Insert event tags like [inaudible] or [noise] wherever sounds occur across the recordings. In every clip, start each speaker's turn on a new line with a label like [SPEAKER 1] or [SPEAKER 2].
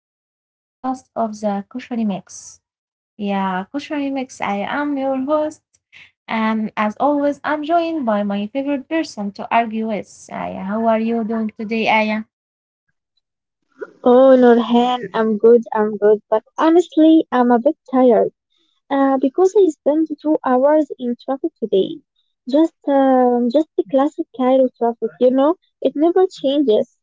[SPEAKER 1] another podcast of the Kushari Mix. Yeah, Kushari Mix, I am your host. And as always, I'm joined by my favorite person to argue with. Aya, how are you doing today, Aya?
[SPEAKER 2] Oh, Nurhan, I'm good, but honestly, I'm a bit tired because I spent 2 hours in traffic today. Just the classic Cairo traffic, it never changes.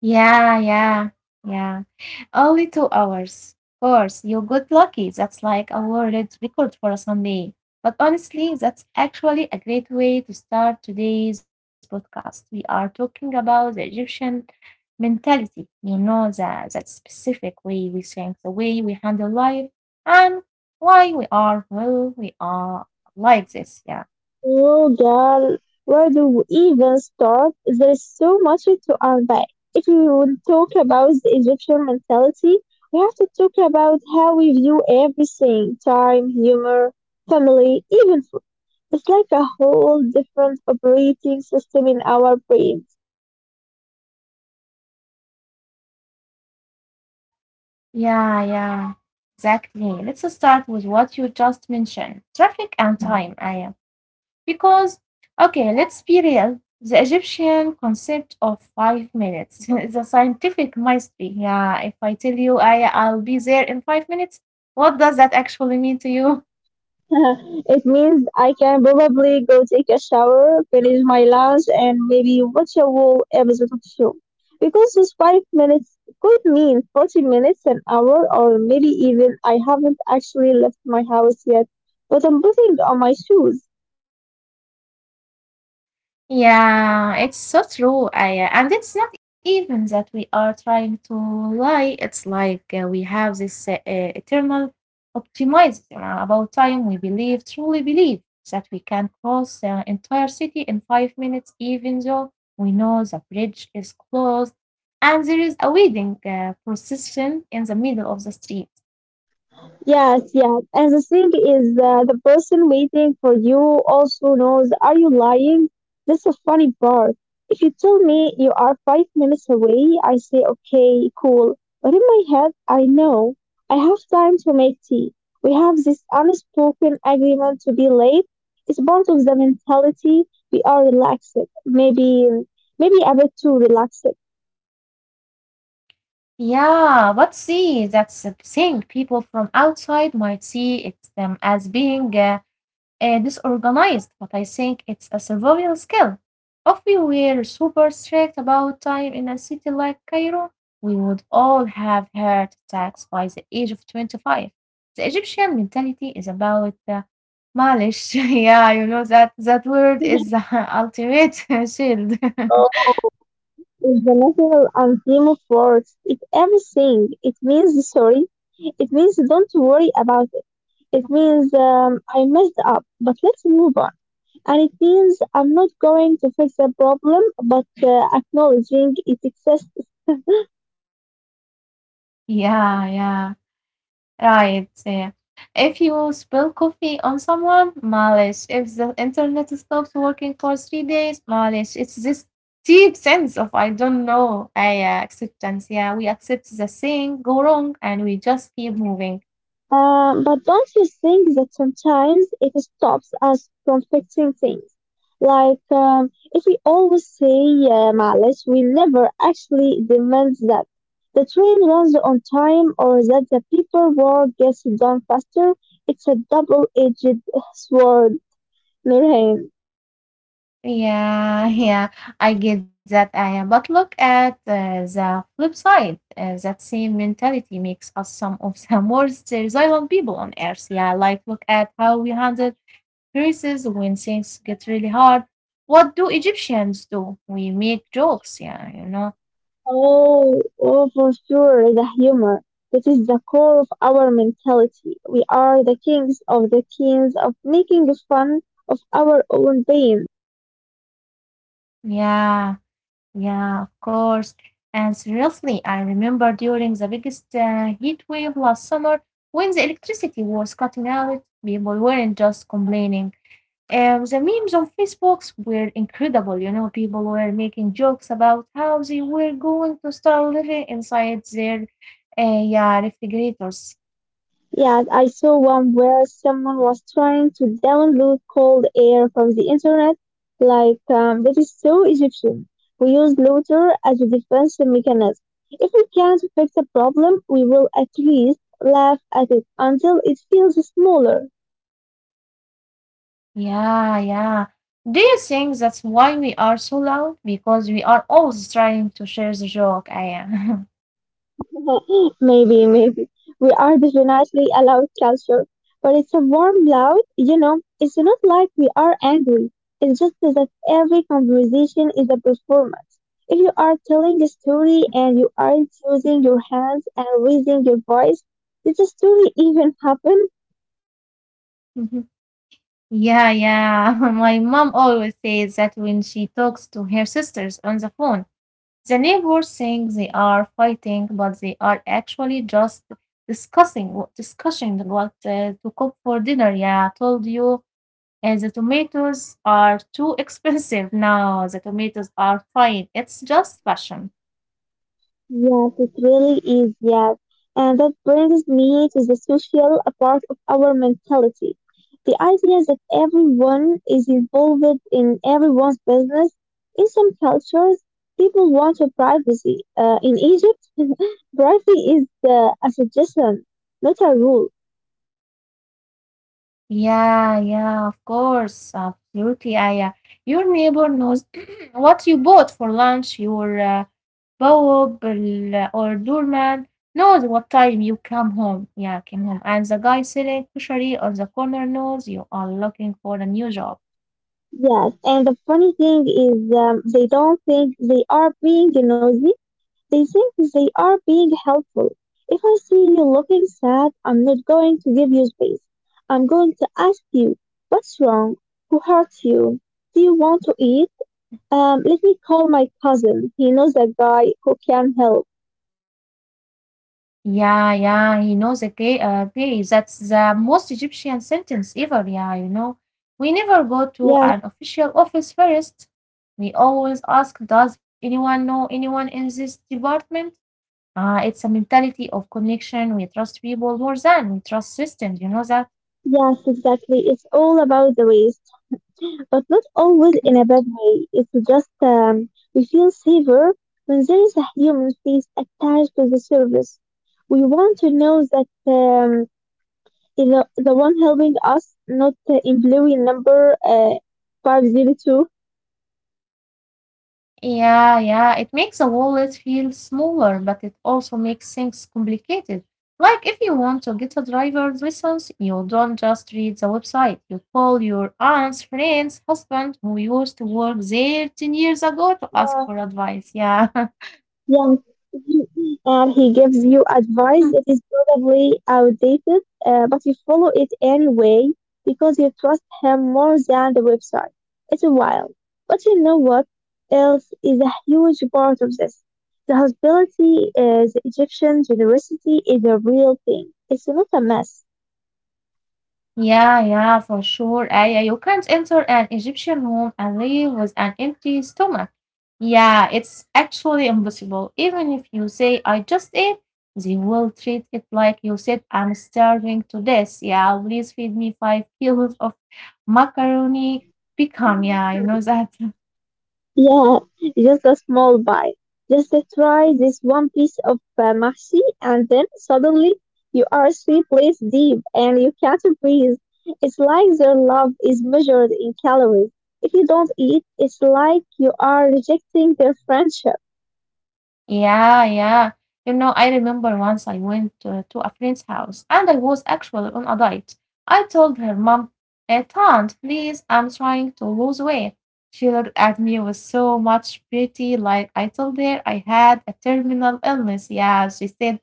[SPEAKER 1] Yeah, yeah, yeah. Only 2 hours. Of course, you got lucky. That's like a world record for a Sunday. But honestly, that's actually a great way to start today's podcast. We are talking about the Egyptian mentality, you know, that specific way we think, the way we handle life, and why we are, well, we are like this. Yeah.
[SPEAKER 2] Oh, girl, where do we even start? There's so much to unpack. If we would talk about the Egyptian mentality, we have to talk about how we view everything, time, humor, family, even. It's like a whole different operating system in our brains.
[SPEAKER 1] Yeah, yeah, exactly. Let's start with what you just mentioned, traffic and time, Aya. Because, okay, let's be real. The Egyptian concept of 5 minutes [laughs] is a scientific mystery. Yeah, if I tell you, Aya, I'll be there in 5 minutes, what does that actually mean to you?
[SPEAKER 2] [laughs] It means I can probably go take a shower, finish my lunch, and maybe watch a whole episode of show. Because those 5 minutes could mean 40 minutes, an hour, or maybe even I haven't actually left my house yet, but I'm putting on my shoes.
[SPEAKER 1] Yeah, it's so true. And it's not even that we are trying to lie. It's like we have this eternal optimism about time. We believe, truly believe, that we can cross the entire city in 5 minutes, even though we know the bridge is closed and there is a wedding procession in the middle of the street.
[SPEAKER 2] Yes, yes. And the thing is, the person waiting for you also knows, are you lying? That's a funny part. If you tell me you are 5 minutes away, I say, okay, cool. But in my head, I know I have time to make tea. We have this unspoken agreement to be late. It's part of the mentality. We are relaxed. Maybe, maybe a bit too relaxed.
[SPEAKER 1] Yeah, but see, that's a thing. People from outside might see it as being disorganized, but I think it's a survival skill. If we were super strict about time in a city like Cairo, we would all have heart attacks by the age of 25. The Egyptian mentality is about the malish. [laughs] Yeah, you know that that word is the
[SPEAKER 2] [laughs]
[SPEAKER 1] [laughs] ultimate [laughs] shield.
[SPEAKER 2] Oh. Is the national anthem of words. It's everything. It means [laughs] sorry. It means don't worry about it. It means I messed up, but let's move on. And it means I'm not going to fix the problem, but acknowledging it exists.
[SPEAKER 1] [laughs] Yeah, yeah. Right. Yeah. If you spill coffee on someone, malice. If the internet stops working for 3 days, malice. It's this deep sense of I don't know, I acceptance. Yeah, we accept the thing go wrong and we just keep moving.
[SPEAKER 2] But don't you think that sometimes it stops us from fixing things? Like, if we always say معلش, we never actually demand that the train runs on time or that the paperwork gets done faster. It's a double-edged sword, Nurhan.
[SPEAKER 1] Yeah, [laughs] yeah, I get that, Aya. But look at the flip side. That same mentality makes us some of the [laughs] most resilient people on earth. Yeah, like look at how we handle verses when things get really hard. What do Egyptians do? We make jokes, yeah, you know.
[SPEAKER 2] Oh, oh, for sure, the humor. This is the core of our mentality. We are the kings of making fun of our own pain.
[SPEAKER 1] Yeah, yeah, of course. And seriously, I remember during the biggest heat wave last summer when the electricity was cutting out, people weren't just complaining. The memes on Facebook were incredible. You know, people were making jokes about how they were going to start living inside their yeah, refrigerators.
[SPEAKER 2] Yes, I saw one where someone was trying to download cold air from the internet. Like, that is so Egyptian. We use laughter as a defense mechanism. If we can't fix a problem, we will at least laugh at it until it feels smaller.
[SPEAKER 1] Yeah, yeah. Do you think that's why we are so loud? Because we are always trying to share the joke, Aya.
[SPEAKER 2] [laughs] Maybe, maybe. We are definitely a loud culture, but it's a warm loud, you know. It's not like we are angry. It's just that every conversation is a performance. If you are telling a story and you aren't using your hands and raising your voice, did the story even happen?
[SPEAKER 1] [laughs] Yeah, yeah. [laughs] My mom always says that when she talks to her sisters on the phone, the neighbors think they are fighting, but they are actually just discussing what to cook for dinner. Yeah, I told you. And the tomatoes are too [laughs] expensive now. The tomatoes are fine. It's just fashion.
[SPEAKER 2] Yes, it really is, yes. And that brings me to the social part of our mentality. The idea that everyone is involved in everyone's business. In some cultures, people want a privacy. In Egypt, [laughs] privacy is a suggestion, not a rule.
[SPEAKER 1] Yeah, yeah, of course, absolutely. Your neighbor knows [clears throat] what you bought for lunch. Your bawab or doorman knows what time you come home. Yeah, came home, and the guy selling kushari on the corner knows you are looking for a new job.
[SPEAKER 2] Yes, and the funny thing is they don't think they are being nosy. They think they are being helpful. If I see you looking sad, I'm not going to give you space. I'm going to ask you, what's wrong? Who hurt you? Do you want to eat? Let me call my cousin. He knows a guy who can help.
[SPEAKER 1] Yeah, yeah, he knows a gay, gay. That's the most Egyptian sentence ever. Yeah, you know, we never go to
[SPEAKER 2] Yes,
[SPEAKER 1] an official office first. We always ask, does anyone know anyone in this department? Ah, it's a mentality of connection. We trust people more than we trust systems. You know that?
[SPEAKER 2] yes, exactly. It's all about the waste, but not always in a bad way. It's just we feel safer when there is a human face attached to the service. We want to know that the one helping us, not employee number 502.
[SPEAKER 1] Yeah, yeah, it makes a wallet feel smaller, but it also makes things complicated. Like if you want to get a driver's license, you don't just read the website. You call your aunt's friend's husband who used to work there 10 years ago to ask
[SPEAKER 2] Yeah.
[SPEAKER 1] for advice. Yeah.
[SPEAKER 2] Yeah. And he gives you
[SPEAKER 1] [laughs]
[SPEAKER 2] advice that is probably outdated, but you follow it anyway because you trust him more than the website. It's wild. But you know what else is a huge part of this? The hospitality, the Egyptian generosity is a real thing. It's not a mess.
[SPEAKER 1] Yeah, yeah, for sure. Yeah, you can't enter an Egyptian home and leave with an empty stomach. Yeah, it's actually impossible. Even if you say, I just ate, they will treat it like you said, I'm starving to death. Yeah, please feed me five [laughs] kilos of macaroni. Become, yeah, you know that.
[SPEAKER 2] Yeah, just a small bite. Just to try this one piece of mahsi, and then suddenly you are three plates deep and you can't breathe. It's like their love is measured in calories. If you don't eat, it's like you are rejecting their friendship.
[SPEAKER 1] Yeah, yeah. You know, I remember once I went to a friend's house and I was actually on a diet. I told her mom, "Eh, Aunt, please, I'm trying to lose weight. She looked at me with so much pity, like I told her I had a terminal illness. Yeah, she said,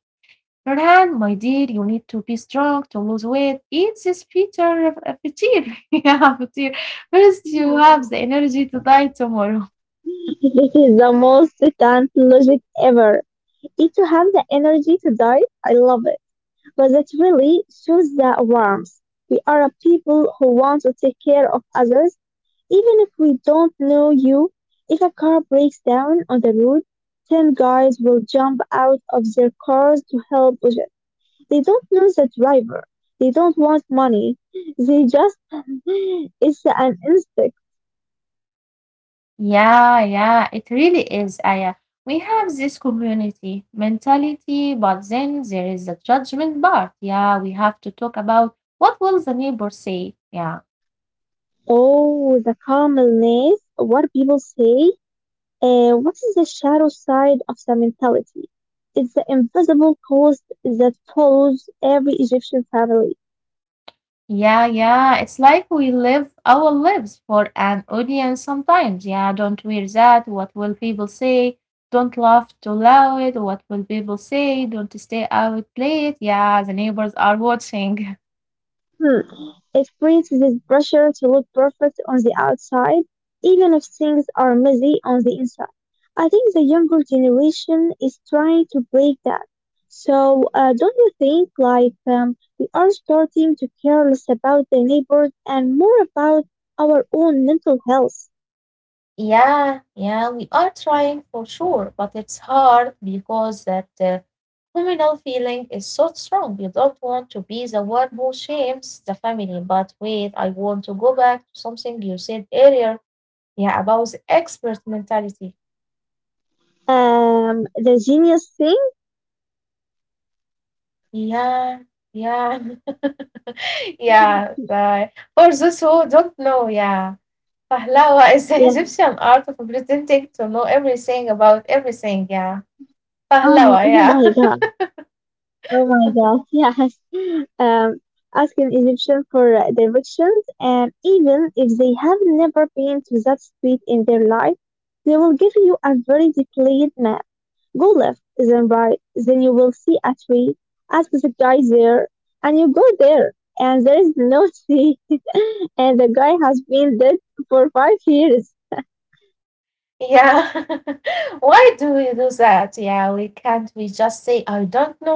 [SPEAKER 1] Nurhan, my dear, you need to be strong to lose weight. Eat this Peter. [laughs] Yeah, Peter. First, you have the
[SPEAKER 2] [laughs]
[SPEAKER 1] energy to die tomorrow.
[SPEAKER 2] This is the most cant logic ever. Eat to have the energy to die, I love it. But that really shows the warmth. We are a people who want to take care of others. Even if we don't know you, if a car breaks down on the road, 10 guys will jump out of their cars to help with it. They don't know the driver. They don't want money. [laughs] They just, it's an instinct.
[SPEAKER 1] Yeah, yeah, it really is, Aya. We have this community mentality, but then there is the judgment part. Yeah, we have to talk about what will the neighbor say. Yeah.
[SPEAKER 2] Oh, the calmness, what people say. What is the shadow side of the mentality? It's the invisible cost that follows every Egyptian family.
[SPEAKER 1] Yeah, yeah. It's like we live our lives for an audience sometimes. Yeah, don't wear that. What will people say? Don't laugh too loud. What will people say? Don't stay out late. Yeah, the neighbors are watching. [laughs]
[SPEAKER 2] Hmm. It creates this pressure to look perfect on the outside, even if things are messy on the inside. I think the younger generation is trying to break that. So, don't you think like we are starting to care less about the neighbors and more about our own mental health?
[SPEAKER 1] Yeah, yeah, we are trying for sure, but it's hard because that communal feeling is so strong. You don't want to be the one who shames the family. But wait, I want to go back to something you said earlier. Yeah, about the expert mentality.
[SPEAKER 2] The genius thing?
[SPEAKER 1] Yeah, yeah, [laughs] yeah.
[SPEAKER 2] [laughs]
[SPEAKER 1] For those who don't know, yeah. Pahlawa is the
[SPEAKER 2] Yeah.
[SPEAKER 1] Egyptian art of pretending to know everything about everything. Yeah. Pahlawa,
[SPEAKER 2] Oh, oh
[SPEAKER 1] yeah.
[SPEAKER 2] my
[SPEAKER 1] [laughs]
[SPEAKER 2] God. Oh my gosh, yes. [laughs] Um, Ask an Egyptian for directions, and even if they have never been to that street in their life, they will give you a very detailed map. Go left, then right, then you will see a tree. Ask the guy there, and you go there, and there is no tree, [laughs] and the guy has been dead for 5 years.
[SPEAKER 1] Yeah. [laughs] Why do we do that? Yeah, we can't we just say I don't know.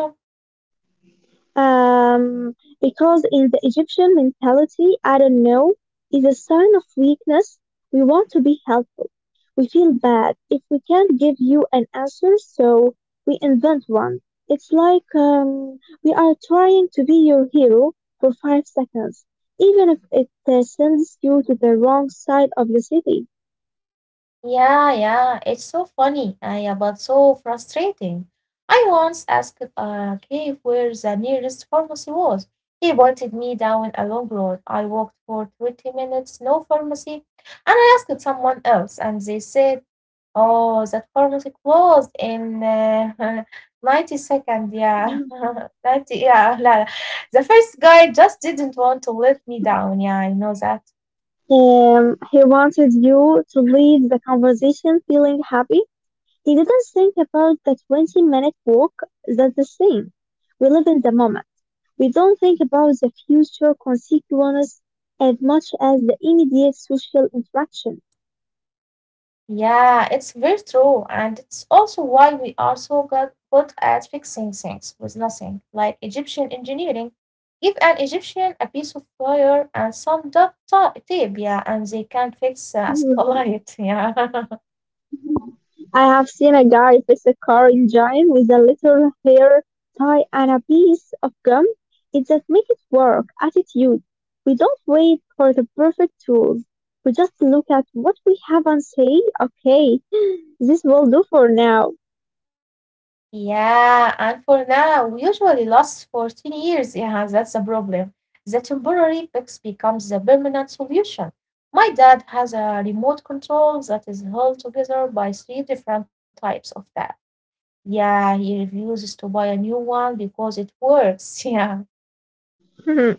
[SPEAKER 2] Um, because in the Egyptian mentality, I don't know, is a sign of weakness. We want to be helpful. We feel bad if we can't give you an answer, so we invent one. It's like we are trying to be your hero for 5 seconds, even if it sends you to the wrong side of the city.
[SPEAKER 1] Yeah, yeah, it's so funny, yeah, but so frustrating. I once asked Cave where the nearest pharmacy was. He pointed me down a long road. I walked for 20 minutes, no pharmacy, and I asked someone else, and they said, Oh, that pharmacy closed in [laughs] 90 seconds, yeah. [laughs]
[SPEAKER 2] Mhm.
[SPEAKER 1] 90, yeah, la. The first guy just didn't want to let me down, yeah, I know that.
[SPEAKER 2] He wanted you to leave the conversation feeling happy. He didn't think about the 20-minute walk. That's the thing. We live in the moment. We don't think about the future consequences as much as the immediate social interaction.
[SPEAKER 1] Yeah, it's very true. And it's also why we are so good at fixing things with nothing, like Egyptian engineering. Give an Egyptian a piece of wire and some tape, yeah, and they can fix a satellite. [laughs] Yeah.
[SPEAKER 2] I have seen a guy fix a car engine with a little hair tie and a piece of gum. It's that make it work attitude. We don't wait for the perfect tools. We just look at what we have and say, okay, this will do for now.
[SPEAKER 1] Yeah, and for now, usually lasts for 10 years. Yeah, that's a problem. The temporary fix becomes the permanent solution. My dad has a remote control that is held together by three different types of that. Yeah, he refuses to buy a new one because it works. [laughs] Yeah.
[SPEAKER 2] Hmm.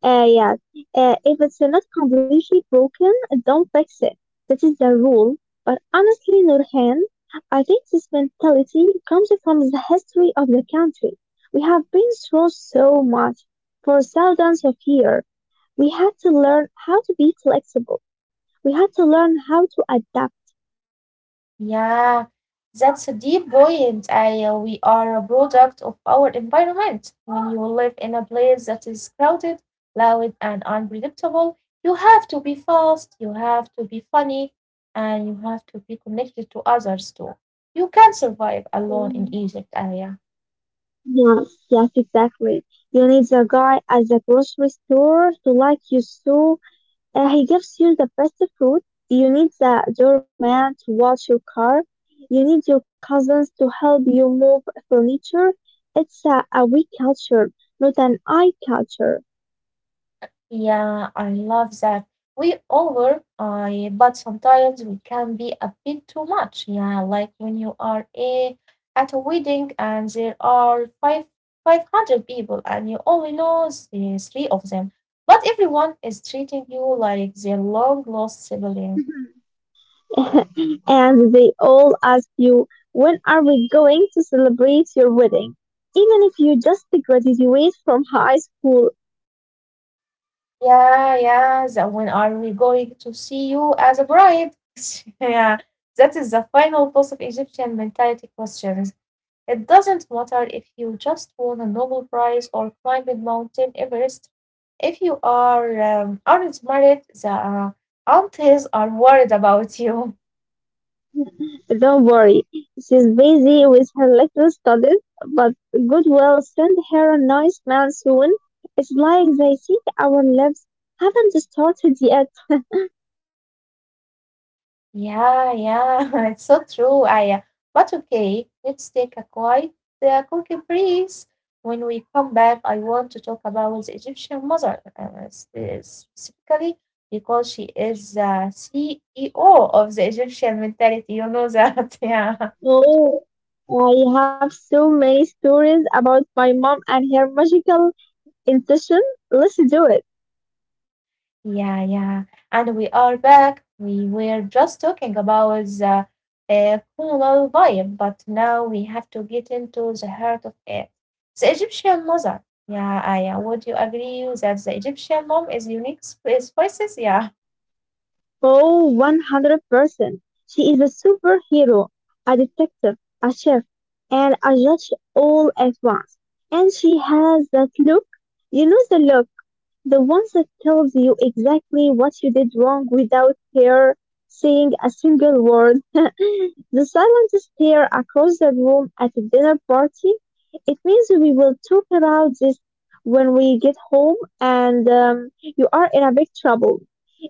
[SPEAKER 2] Yes. If it's not completely broken, don't fix it. That is the rule. But honestly, Nurhan, I think this mentality comes from the history of the country. We have been through so much. For thousands of years, we had to learn how to be flexible. We had to learn how to adapt.
[SPEAKER 1] Yeah. That's a deep point. We are a product of our environment. When you live in a place that is crowded, loud, and unpredictable, you have to be fast, you have to be funny, and you have to be connected to others too. You can't survive alone in
[SPEAKER 2] Mm.
[SPEAKER 1] Egypt, Aya.
[SPEAKER 2] Yes, yes, exactly. You need the guy at the grocery store to like you so he gives you the best food. You need the doorman to watch your car. You need your cousins to help you move furniture. It's a we culture, not an I culture.
[SPEAKER 1] Yeah, I love that. We all were, I But sometimes we can be a bit too much. Yeah, like when you are at a wedding and there are five hundred people and you only know the three of them, but everyone is treating you like their long lost sibling.
[SPEAKER 2] [laughs] And they all ask you, when are we going to celebrate your wedding? Even if you just graduated from high school.
[SPEAKER 1] Yeah, yeah. When are we going to see you as a bride? [laughs] Yeah, that is the final boss of Egyptian mentality questions. It doesn't matter if you just won a Nobel Prize or climbed Mountain Everest. If you are aren't married, the aunties are worried about you.
[SPEAKER 2] Don't worry, she's busy with her little studies, but God will send her a nice man soon. It's like they think our lives haven't started yet.
[SPEAKER 1] Yeah, yeah, [laughs] it's so true, Aya. But okay, let's take a quick breeze. When we come back, I want to talk about the Egyptian mother, specifically because she is the CEO of the Egyptian mentality. You know that, [laughs] yeah.
[SPEAKER 2] Oh, I have so many stories about my mom and her magical intuition. Let's do it.
[SPEAKER 1] Yeah, yeah. And we are back. We were just talking about the colonial vibe, but now we have to get into the heart of it. The Egyptian mother. Yeah, I would you agree that the Egyptian mom is unique spices? Yeah. [laughs]
[SPEAKER 2] Oh, 100%. She is a superhero, a detective, a chef, and a judge all at once. And she has that look. You know the look. The ones that tells you exactly what you did wrong without her saying a single word. [laughs] The silent stare across the room at a dinner party. It means we will talk about this when we get home and you are in a big trouble.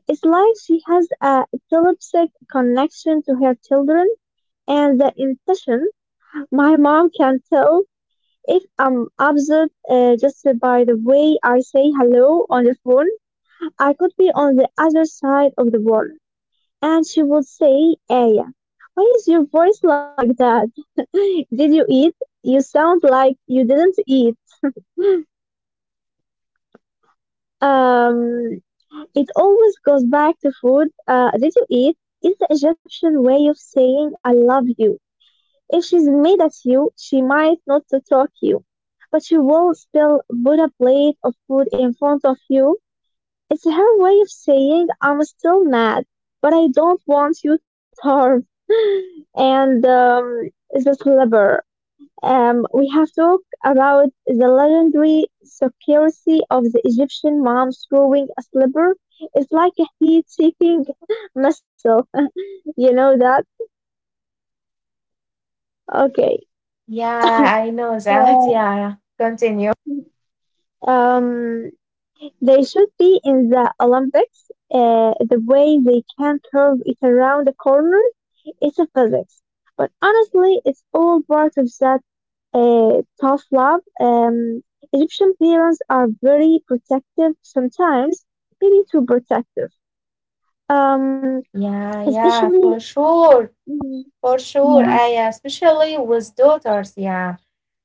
[SPEAKER 2] It's like she has a telepathic connection to her children and the intention. My mom can tell if I'm upset just by the way I say hello on the phone. I could be on the other side of the world. And she would say, Aya, why is your voice like that? [laughs] Did you eat? You sound like you didn't eat. Um, it always goes back to food. Did you eat? Is the Egyptian way of saying I love you. If she's mad at you, she might not to talk you, but she will still put a plate of food in front of you. It's her way of saying, I'm still mad, but I don't want you to starve. [laughs] And the slipper. We have talked about the legendary secrecy of the Egyptian mom throwing a slipper. It's like a heat seeking [laughs] missile. [laughs] You know that? Okay.
[SPEAKER 1] Yeah, I know that. [laughs]
[SPEAKER 2] So,
[SPEAKER 1] Yeah. Continue.
[SPEAKER 2] um, they should be in the Olympics. The way they can curve it around the corner. It's a physics. But honestly, it's all part of that tough love. Egyptian parents are very protective sometimes, maybe too protective. Um,
[SPEAKER 1] Yeah, yeah,
[SPEAKER 2] Especially,
[SPEAKER 1] for sure.
[SPEAKER 2] mm,
[SPEAKER 1] For sure,
[SPEAKER 2] yeah,
[SPEAKER 1] I especially with daughters, yeah.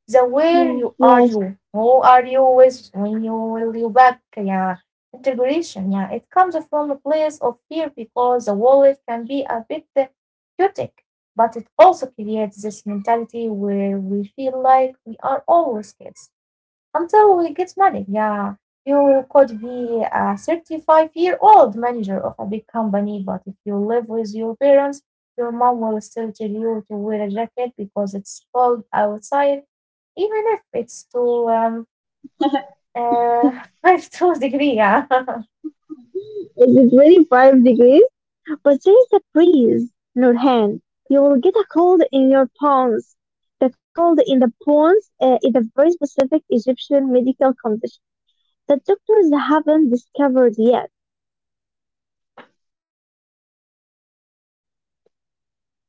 [SPEAKER 1] The where
[SPEAKER 2] yeah,
[SPEAKER 1] you are
[SPEAKER 2] yes.
[SPEAKER 1] you, who are you with, when you will you back, yeah. Integration, yeah. It comes from a place of fear because the wallet can be a bit chaotic, but it also creates this mentality where we feel like we are always kids until we get money. Yeah, you could be a 35-year-old manager of a big company, but if you live with your parents, your mom will still tell you to wear a jacket because it's cold outside, even if it's to
[SPEAKER 2] [laughs]
[SPEAKER 1] [laughs] 5 2 degree. Yeah, [laughs]
[SPEAKER 2] Is it really 5 degrees? But there is a breeze, Nurhan. You will get a cold in your bones. The cold in the bones is a very specific Egyptian medical condition that doctors haven't discovered yet.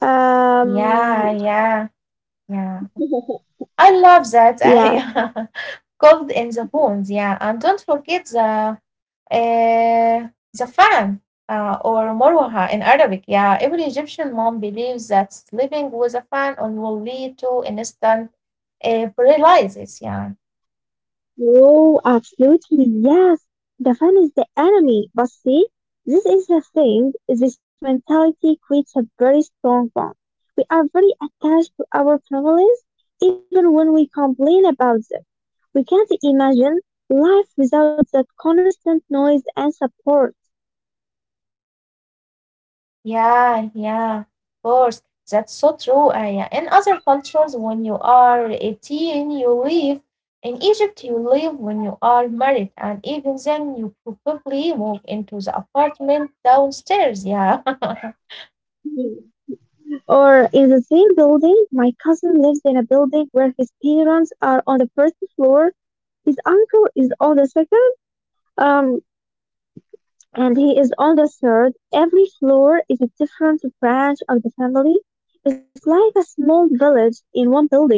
[SPEAKER 2] Um,
[SPEAKER 1] yeah, yeah, yeah.
[SPEAKER 2] [laughs]
[SPEAKER 1] I love that. [laughs]
[SPEAKER 2] yeah,
[SPEAKER 1] I [laughs] cold in the bones. Yeah, and don't forget the Uh, Zafan or Morwaha in Arabic. Yeah, every Egyptian mom believes that living with a fan on will lead to instant paralysis. Yeah,
[SPEAKER 2] no, absolutely, yes. The fan is the enemy. But see, this is the thing. This mentality creates a very strong bond. We are very attached to our families, even when we complain about them. We can't imagine life without that constant noise and support.
[SPEAKER 1] yeah, yeah, of course. That's so true. Yeah. In other cultures, when you are 18, you leave. In Egypt, you leave when you are married, and even then, you probably move into the apartment downstairs. Yeah. [laughs]
[SPEAKER 2] Mhm. Or in the same building, my cousin lives in a building where his parents are on the first floor, his uncle is on the second. Um, and he is on the third. Every floor is a different branch of the family. It's like a small village in one building.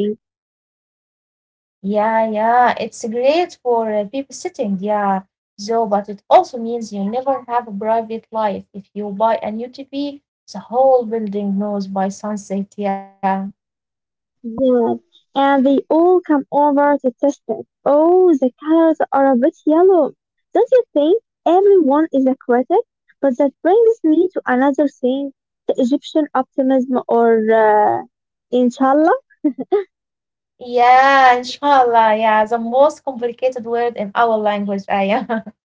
[SPEAKER 1] Yeah, yeah, it's great for babysitting, yeah, though, but it also means you never have a private life. If you buy a new TV, the whole building knows by sunset, yeah.
[SPEAKER 2] Yeah. And they all come over to test it. Oh, the colors are a bit yellow. Don't you think everyone is a critic? But that brings me to another thing, the Egyptian optimism or inshallah.
[SPEAKER 1] Yeah, inshallah, yeah, the most complicated word in our language, ayah. [laughs]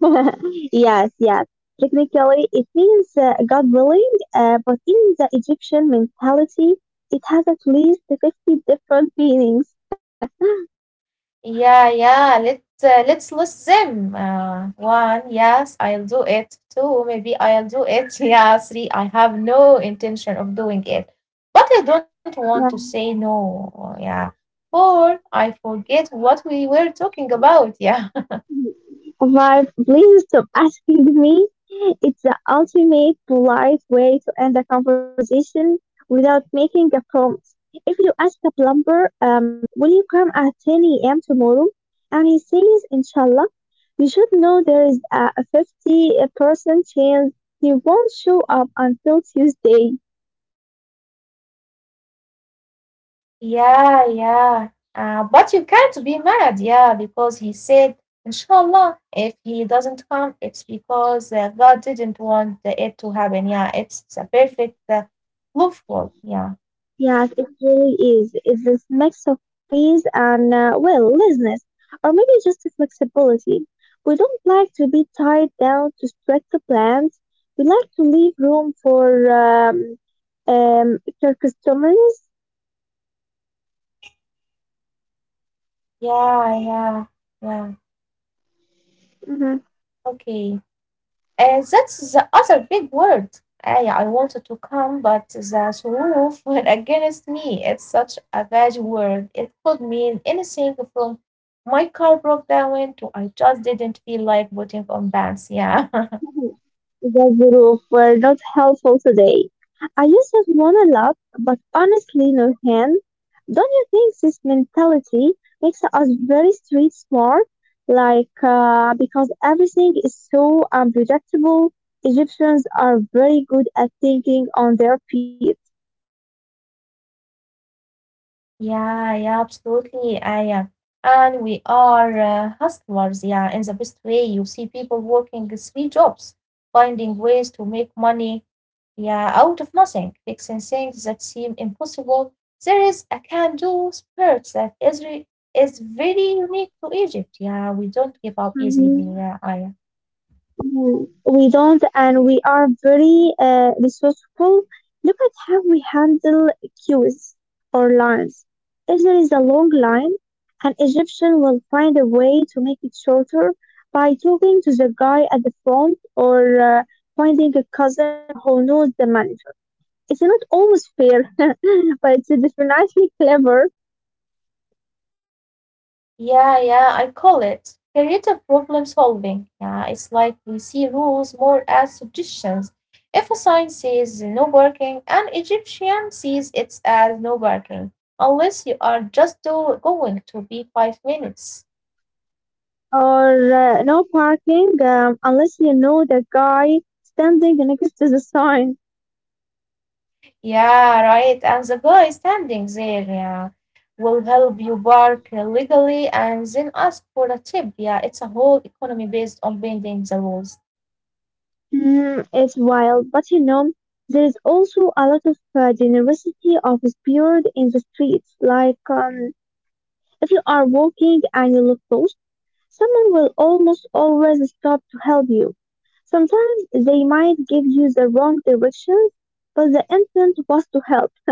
[SPEAKER 2] [laughs] Yes, yes. Technically, it means God willing, but in the Egyptian mentality, it has at least 50 different meanings. [laughs]
[SPEAKER 1] Yeah, yeah. Let's list them. One, yes, I'll do it. Two, maybe I'll do it. [laughs] Yeah, three, I have no intention of doing it, but I don't want to say no. Yeah. Four, I forget what we were talking about. [laughs] Yeah.
[SPEAKER 2] But please stop [laughs] asking me. It's the ultimate polite way to end a conversation without making a promise. If you ask a plumber, will you come at 10 a.m. tomorrow? And he says, Inshallah, you should know there is a 50% chance he won't show up until Tuesday.
[SPEAKER 1] Yeah, yeah. But you can't be mad, yeah, because he said, Inshallah. If he doesn't come, it's because God didn't want it to happen. Yeah, it's a perfect loophole. Yeah,
[SPEAKER 2] Yes, it really is. It's this mix of praise and, well, laziness, or maybe just flexibility. We don't like to be tied down to strict plans. We like to leave room for um, customers.
[SPEAKER 1] yeah, yeah, yeah.
[SPEAKER 2] Mm-hmm.
[SPEAKER 1] Okay. That's the other big word. I wanted to come, but the Suruf [laughs] went against me. It's such a bad word. It could mean anything from my car broke down to I just didn't feel like putting on pants. Yeah, [laughs]
[SPEAKER 2] The group were not helpful today. I used to want to laugh, but honestly, Nurhan, don't you think this mentality makes us very street smart? Like, because everything is so unpredictable, Egyptians are very good at thinking on their feet.
[SPEAKER 1] yeah, yeah, absolutely. I am. And we are hustlers, yeah, in the best way. You see people working three jobs, finding ways to make money, yeah, out of nothing, fixing things that seem impossible. There is a can do spirit that is very unique to Egypt. Yeah, we don't give up easily. Yeah, I,
[SPEAKER 2] Mm, we don't, and we are very resourceful. Look at how we handle queues or lines. If there is a long line, an Egyptian will find a way to make it shorter by talking to the guy at the front or finding a cousin who knows the manager. It's not always fair, [laughs] but it's definitely clever.
[SPEAKER 1] yeah, yeah, I call it creative problem solving. Yeah, it's like we see rules more as suggestions. If a sign says no parking, an Egyptian sees it as no parking, unless you are just going to be 5 minutes.
[SPEAKER 2] Or no parking unless you know the guy standing next to the sign.
[SPEAKER 1] Yeah, right. And the guy standing there, yeah, will help you park legally and then ask for a tip. Yeah, it's a whole economy based on bending the rules.
[SPEAKER 2] Mm, it's wild, but you know, there is also a lot of generosity of spirit in the streets. Like, if you are walking and you look lost, someone will almost always stop to help you. Sometimes they might give you the wrong directions, but the intent was to help. [laughs]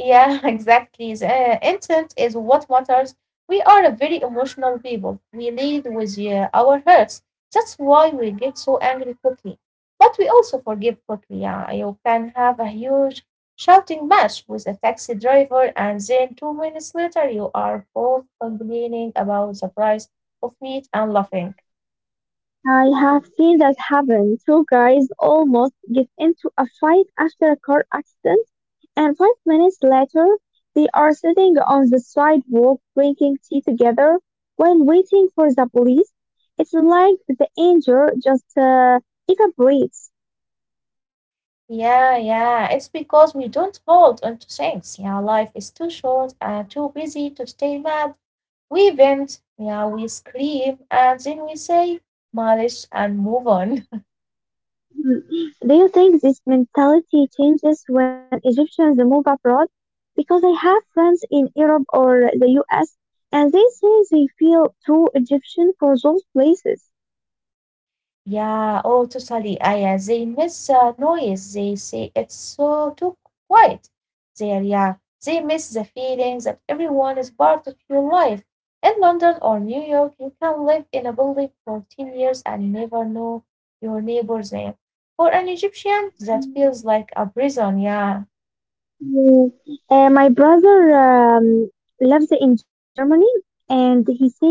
[SPEAKER 1] Yeah, [laughs] exactly. The intent is what matters. We are a very emotional people. We lead with our hurts. That's why we get so angry quickly. But we also forgive quickly. Yeah, you can have a huge shouting match with a taxi driver, and then 2 minutes later, you are both complaining about the price of meat and laughing.
[SPEAKER 2] I have seen that happen. Two guys almost get into a fight after a car accident. And 5 minutes later, they are sitting on the sidewalk drinking tea together while waiting for the police. It's like the anger just evaporates.
[SPEAKER 1] Yeah, yeah. It's because we don't hold on to things. Yeah, life is too short and too busy to stay mad. We vent, yeah, we scream, and then we say "معلش" and move on.
[SPEAKER 2] Hmm. Do you think this mentality changes when Egyptians move abroad? Because I have friends in Europe or the US, and they say they feel too Egyptian for those places.
[SPEAKER 1] Yeah, oh, totally. They miss noise. They say it's so too quiet there. Yeah, they miss the feeling that everyone is part of your life. In London or New York, you can live in a building for 10 years and never know your neighbor's name. For an Egyptian, that feels like a prison. Yeah,
[SPEAKER 2] Mm. My brother lives in Germany, and he says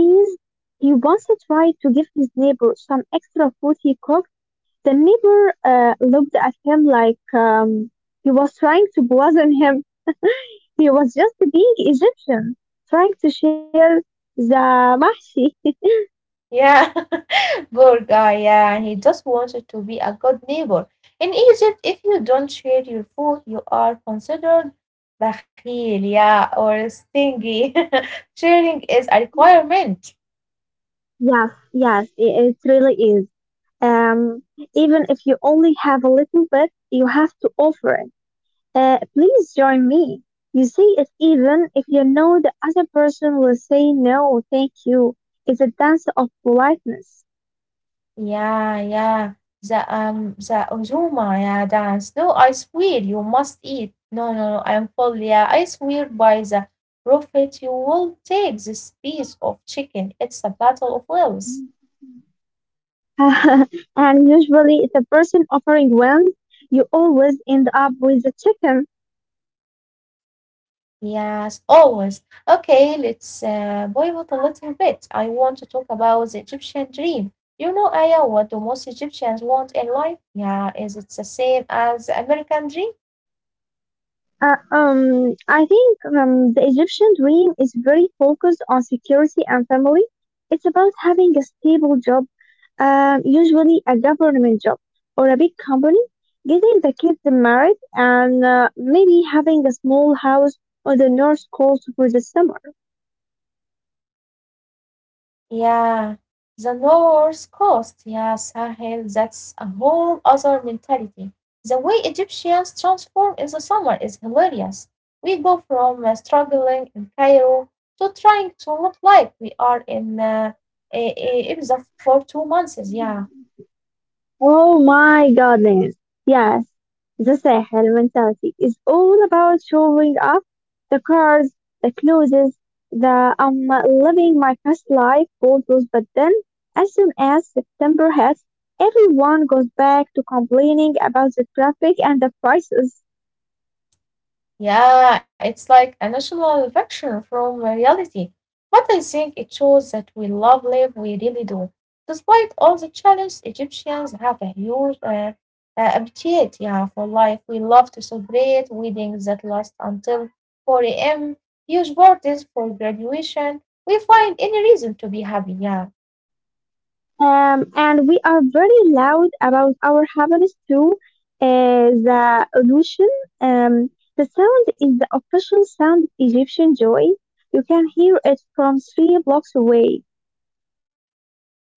[SPEAKER 2] he once tried to give his neighbor some extra food he cooked. The neighbor looked at him like he was trying to poison him. He was just being Egyptian, trying to share the mahshi. [laughs]
[SPEAKER 1] yeah. [laughs] Poor guy, yeah, he just wanted to be a good neighbor. In Egypt, if you don't share your food, you are considered bakhil, yeah, or stingy. [laughs] Sharing is a requirement.
[SPEAKER 2] Yes, yes, it really is. Um, even if you only have a little bit, you have to offer it. Please join me. You see, it's even if you know the other person will say no, thank you. It's a dance of politeness.
[SPEAKER 1] Yeah, yeah. The Ujuma, yeah, dance. No, I swear you must eat. No, no, no, I'm full, yeah. I swear by the prophet you will take this piece of chicken. It's a battle of wills.
[SPEAKER 2] [laughs] And usually, if the person offering wins, you always end up with a chicken.
[SPEAKER 1] Yes, always. Okay, let's pivot a little bit. I want to talk about the Egyptian dream. You know, Aya, what do most Egyptians want in life? Yeah, is it the same as the American dream?
[SPEAKER 2] I think the Egyptian dream is very focused on security and family. It's about having a stable job, usually a government job or a big company, getting the kids married, and maybe having a small house on the North Coast for the summer.
[SPEAKER 1] Yeah, the North Coast, yeah, Sahel, that's a whole other mentality. The way Egyptians transform in the summer is hilarious. We go from struggling in Cairo to trying to look like we are in Ibiza for 2 months, yeah.
[SPEAKER 2] Oh my goodness. Yes, the Sahel mentality is all about showing up, the cars, the clothes, the living my best life photos, but then as soon as September hits, everyone goes back to complaining about the traffic and the prices.
[SPEAKER 1] Yeah, it's like a national fiction from reality. But I think it shows that we love live, we really do. Despite all the challenges, Egyptians have a huge appetite, yeah, for life. We love to celebrate weddings that last until 4 a.m., huge parties for graduation. We find any reason to be happy. Yeah,
[SPEAKER 2] And we are very loud about our happiness too. The illusion? um, the sound is the official sound of Egyptian joy. You can hear it from three blocks away.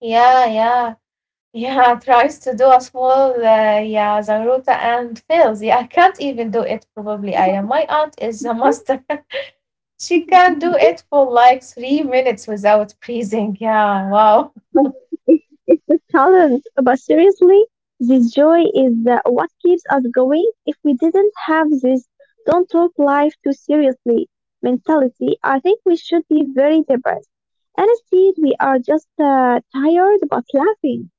[SPEAKER 1] yeah, yeah. Yeah, [laughs] tries to do a small, yeah, zaruta and fails. Yeah, I can't even do it probably. I am. My aunt is a master. [laughs] She can do it for like 3 minutes without breathing. Yeah, wow.
[SPEAKER 2] [laughs] It's a talent, but seriously, this joy is the, what keeps us going. If we didn't have this, don't talk life too seriously mentality, I think we should be very depressed. Instead, we are just tired but laughing.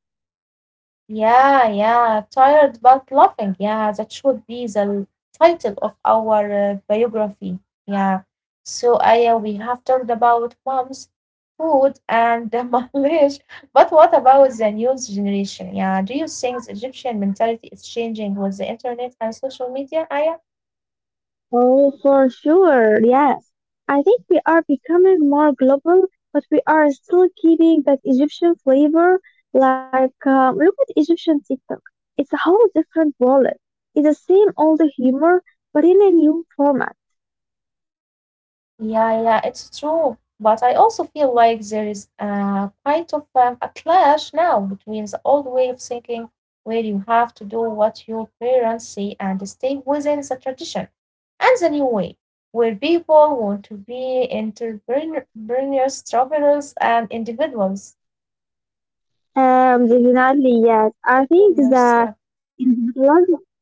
[SPEAKER 1] Yeah, yeah, tired but laughing. Yeah, that should be the title of our biography. Yeah. So, Aya, we have talked about moms, food, and the [laughs] mileage. But what about the new generation? Yeah. Do you think the Egyptian mentality is changing with the internet and social media, Aya?
[SPEAKER 2] Oh, for sure, yes. I think we are becoming more global, but we are still keeping that Egyptian flavor. Like, look at Egyptian TikTok. It's a whole different wallet. It's the same old humor, but in a new format.
[SPEAKER 1] Yeah, yeah, it's true. But I also feel like there is a quite of a clash now between the old way of thinking, where you have to do what your parents say and stay within the tradition, and the new way, where people want to be entrepreneurs, travelers, and individuals.
[SPEAKER 2] Definitely, yes. I think
[SPEAKER 1] Entrepreneurs,
[SPEAKER 2] that.
[SPEAKER 1] yeah.
[SPEAKER 2] Blood,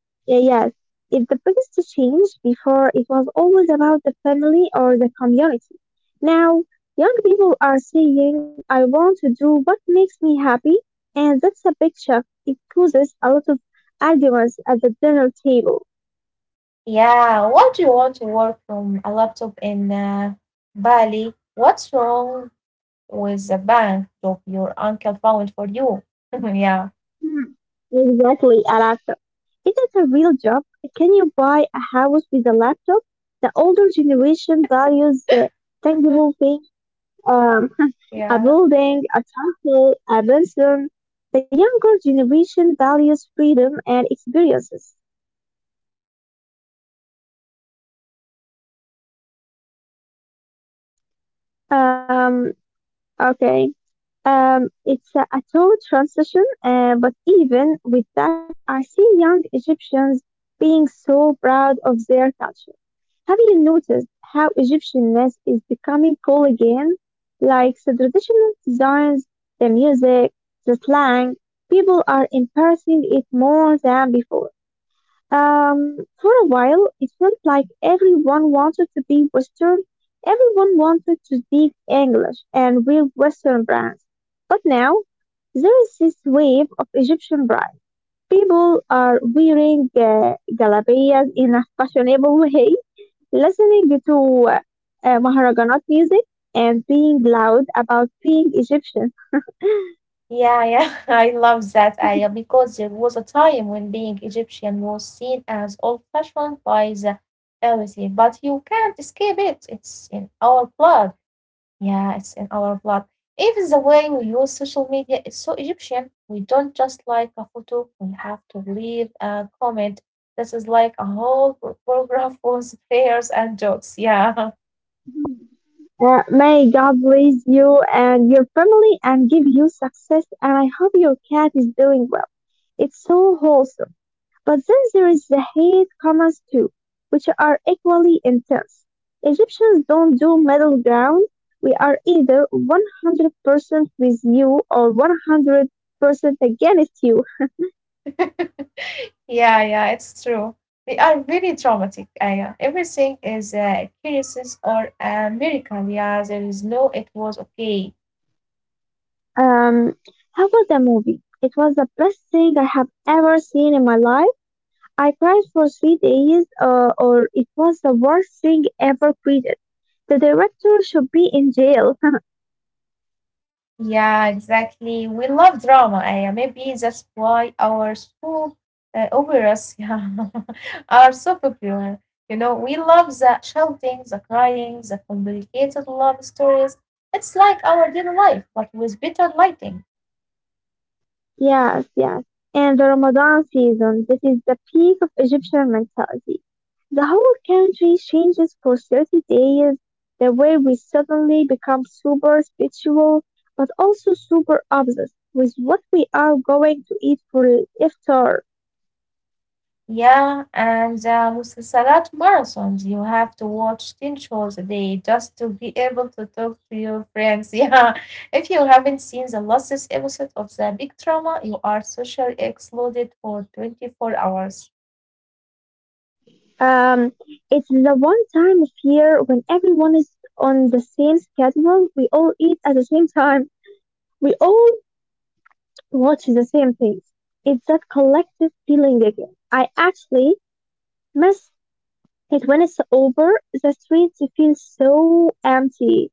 [SPEAKER 2] yeah, yes. If the biggest change. Before it was always about the family or the community. Now, young people are saying, I want to do what makes me happy, and that's a big shift. It causes a lot of arguments at the dinner table.
[SPEAKER 1] Yeah, why do you want to work from a laptop in Bali? What's wrong with the bank job your uncle found for you? [laughs] yeah,
[SPEAKER 2] Hmm. Exactly, a laptop. Is it a real job? Can you buy a house with a laptop? The older generation values the tangible thing. Um, A
[SPEAKER 1] yeah,
[SPEAKER 2] building, a temple, a museum. The younger generation values freedom and experiences. Um, okay. It's a tough transition, but even with that, I see young Egyptians being so proud of their culture. Have you noticed how Egyptianness is becoming cool again? Like the traditional designs, the music, the slang, people are embracing it more than before. Um, for a while, it felt like everyone wanted to be Western, everyone wanted to speak English and wear Western brands. But now, there is this wave of Egyptian brides. People are wearing galabayas in a fashionable [laughs] way, listening to Maharaganat music, and being loud about being Egyptian.
[SPEAKER 1] yeah, yeah. [laughs] I love that idea because there was a time when being Egyptian was seen as old fashioned by the elite, but you can't escape it. It's in our blood. Yeah, it's in our blood. Even the way we use social media is so Egyptian. We don't just like a photo, we have to leave a comment. This is like a whole paragraph with [laughs] prayers and jokes. Yeah. [laughs]
[SPEAKER 2] May God bless you and your family and give you success, and I hope your cat is doing well. It's so wholesome. But then there is the hate comments too, which are equally intense. Egyptians don't do middle ground. We are either 100% with you or 100% against you.
[SPEAKER 1] [laughs] yeah, yeah, it's true. They are very dramatic. Yeah, everything is a crisis or a miracle. Yeah, there is no, it was okay.
[SPEAKER 2] Um, how was the movie? It was the best thing I have ever seen in my life. I cried for 3 days, or it was the worst thing ever created. The director should be in jail. [laughs]
[SPEAKER 1] Yeah, exactly. We love drama. Yeah, maybe that's why our school operas, [laughs] yeah, are so popular. You know, we love the shouting, the crying, the complicated love stories. It's like our daily life, but with better lighting.
[SPEAKER 2] Yes, yes. And the Ramadan season, this is the peak of Egyptian mentality. The whole country changes for 30 days, the way we suddenly become super spiritual, but also super obsessed with what we are going to eat for iftar.
[SPEAKER 1] Yeah, and the Musalsalat marathons. You have to watch 10 shows a day just to be able to talk to your friends. [laughs] Yeah, if you haven't seen the latest episode of The Big Drama, you are socially excluded for 24 hours.
[SPEAKER 2] Um, it's the one time of year when everyone is on the same schedule. We all eat at the same time. We all watch the same things. It's that collective feeling again. I actually miss it when it's over. The streets feel so empty.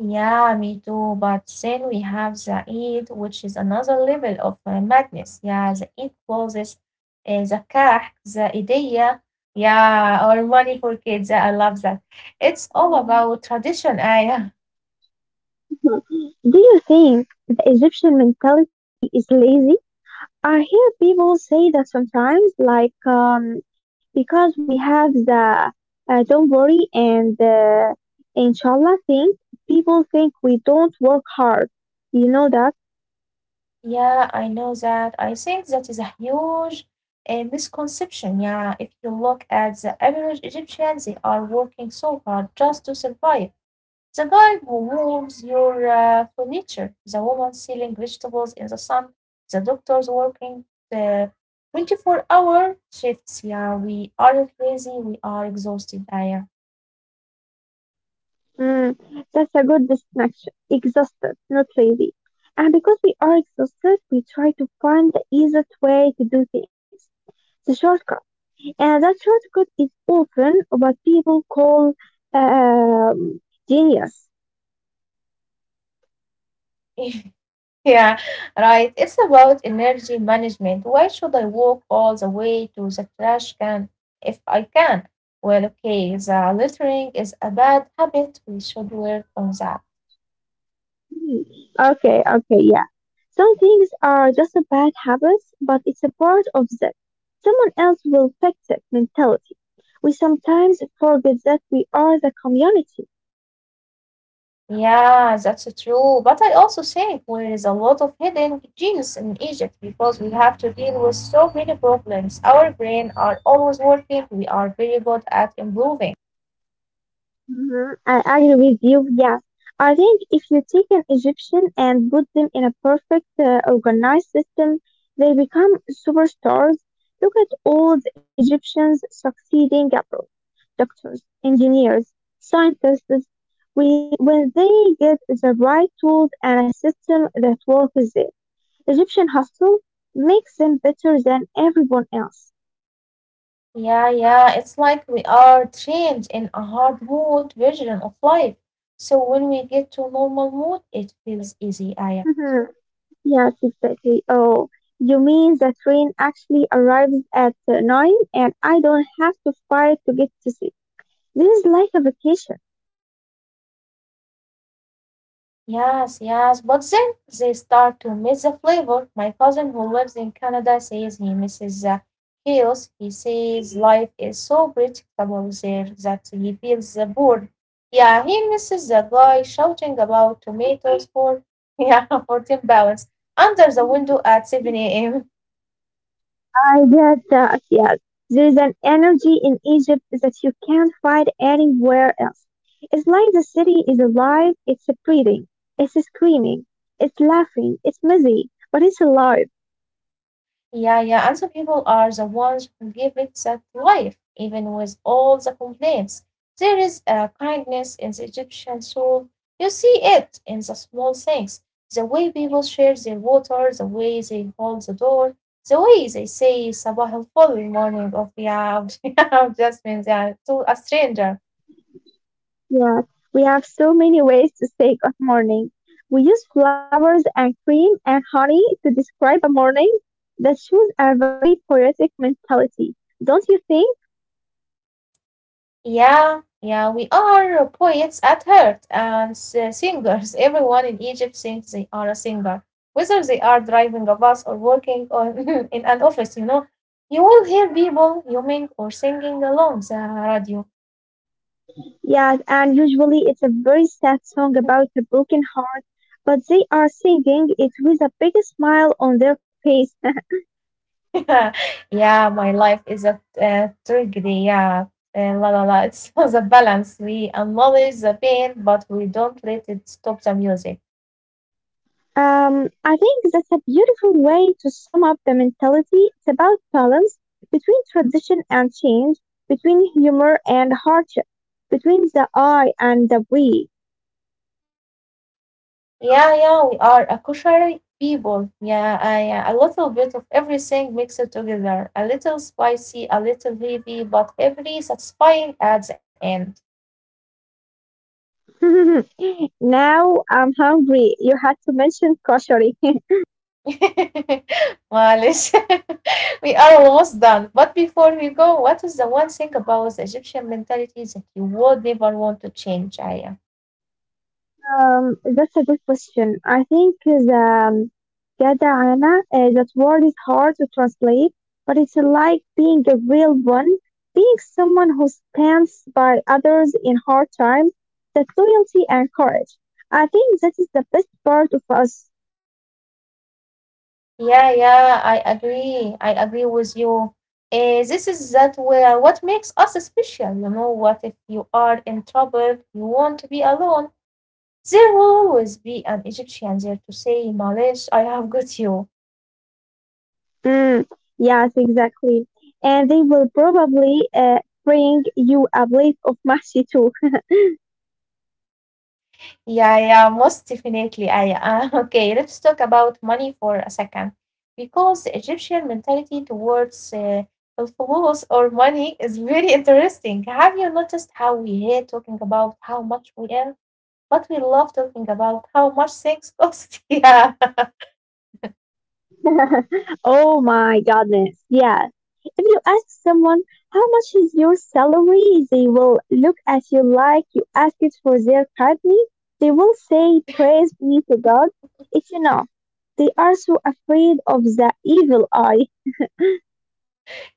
[SPEAKER 1] Yeah, me too. But then we have the Eid, which is another level of madness. Yeah, the Eid closes, the Kah, the Idea. Yeah, or money for kids. I love that. It's all
[SPEAKER 2] Mm.
[SPEAKER 1] about tradition, Aya.
[SPEAKER 2] Do you think the Egyptian mentality is lazy? I hear people say that sometimes, like, because we have the don't worry and inshallah thing, people think we don't work hard. You know that?
[SPEAKER 1] Yeah, I know that. I think that is a huge misconception. Yeah, if you look at the average Egyptian, they are working so hard just to survive. The guy who moves your furniture, the woman selling vegetables in the sun, the doctors working the 24-hour shifts. Yeah, we are crazy. We are exhausted. Yeah.
[SPEAKER 2] Mm, that's a good distinction. Exhausted, not lazy. And because we are exhausted, we try to find the easiest way to do things, the shortcut. And that shortcut is often what people call um, genius.
[SPEAKER 1] [laughs] Yeah, right. It's about energy management. Why should I walk all the way to the trash can if I can? Well, okay, the littering is a bad habit. We should work on that.
[SPEAKER 2] Hmm. Okay, okay, yeah. Some things are just a bad habits, but it's a part of that. Someone else will fix it mentality. We sometimes forget that we are the community.
[SPEAKER 1] Yeah, that's true. But I also think there is a lot of hidden genius in Egypt because we have to deal with so many problems. Our brain are always working. We are very good at improving.
[SPEAKER 2] Mhm, I agree with you. Yeah, I think if you take an Egyptian and put them in a perfect organized system, they become superstars. Look at all the Egyptians succeeding abroad: doctors, engineers, scientists. We, when they get the right tools and a system that works, there, Egyptian hospital makes them better than everyone else.
[SPEAKER 1] Yeah, yeah, it's like we are trained in a hardwood version of life. So when we get to normal mode, it feels easy, Aya.
[SPEAKER 2] [laughs] Yes, exactly. Oh, you mean the train actually arrives at nine and I don't have to fight to get to see. This is like a vacation.
[SPEAKER 1] Yes, yes, but then they start to miss the flavor. My cousin who lives in Canada says he misses the chaos. He says life is so predictable there that he feels bored. Yeah, he misses the guy shouting about tomatoes for, [laughs] yeah, 14 pounds under the window at 7 a.m.
[SPEAKER 2] I get that, yes. There is an energy in Egypt that you can't find anywhere else. It's like the city is alive, it's breathing, it's screaming, it's laughing, it's messy, but it's alive.
[SPEAKER 1] Yeah, yeah. And some people are the ones who give it that life, even with all the complaints. There is a kindness in the Egyptian soul. You see it in the small things, the way people share their water, the way they hold the door, the way they say Sabah al Ful, morning of the [laughs] of Jasmine, yeah, [laughs] to a stranger.
[SPEAKER 2] Yeah, we have so many ways to say good morning. We use flowers and cream and honey to describe a morning that shows a very poetic mentality, don't you think?
[SPEAKER 1] Yeah, yeah, we are poets at heart and singers. [laughs] Everyone in Egypt thinks they are a singer, whether they are driving a bus or working on [laughs] in an office, you know. You will hear people humming or singing along the radio.
[SPEAKER 2] Yes, and usually it's a very sad song about a broken heart, but they are singing it with a big smile on their face.
[SPEAKER 1] [laughs] Yeah, my life is a tragedy. Yeah, and la la la. It's [laughs] the balance. We acknowledge the pain, but we don't let it stop the music.
[SPEAKER 2] I think that's a beautiful way to sum up the mentality. It's about balance between tradition and change, between humor and hardship, between the I and the we.
[SPEAKER 1] Yeah, yeah, we are a kosher people. Yeah, a little bit of everything mixed together. A little spicy, a little heavy, but every satisfying at the end.
[SPEAKER 2] [laughs] Now I'm hungry. You had to mention kosher.
[SPEAKER 1] [laughs] Malish, [laughs] we are almost done. But before we go, what is the one thing about the Egyptian mentality that you would never want to change, Aya?
[SPEAKER 2] That's a good question. I think the Gadahana, that word is hard to translate, but it's like being a real one, being someone who stands by others in hard times, that loyalty and courage. I think that is the best part of us.
[SPEAKER 1] Yeah, yeah, I agree. I agree with you. This is that where what makes us special. You know what? If you are in trouble, you want to be alone. There will always be an Egyptian there to say, Malish, I have got you.
[SPEAKER 2] Mm, yes, exactly. And they will probably bring you a plate of mashi too. [laughs]
[SPEAKER 1] Yeah, yeah, most definitely. I [laughs] okay. Let's talk about money for a second, because the Egyptian mentality towards الفلوس or money is really [laughs] interesting. Have you noticed how we hate talking about how much we earn? But we love talking about how much things cost. [laughs] Yeah.
[SPEAKER 2] [laughs] Oh my goodness, yes. If you ask someone how much is your salary, they will look at you like you ask it for their company. They will say, Praise be to God, if you know. They are so afraid of the evil eye.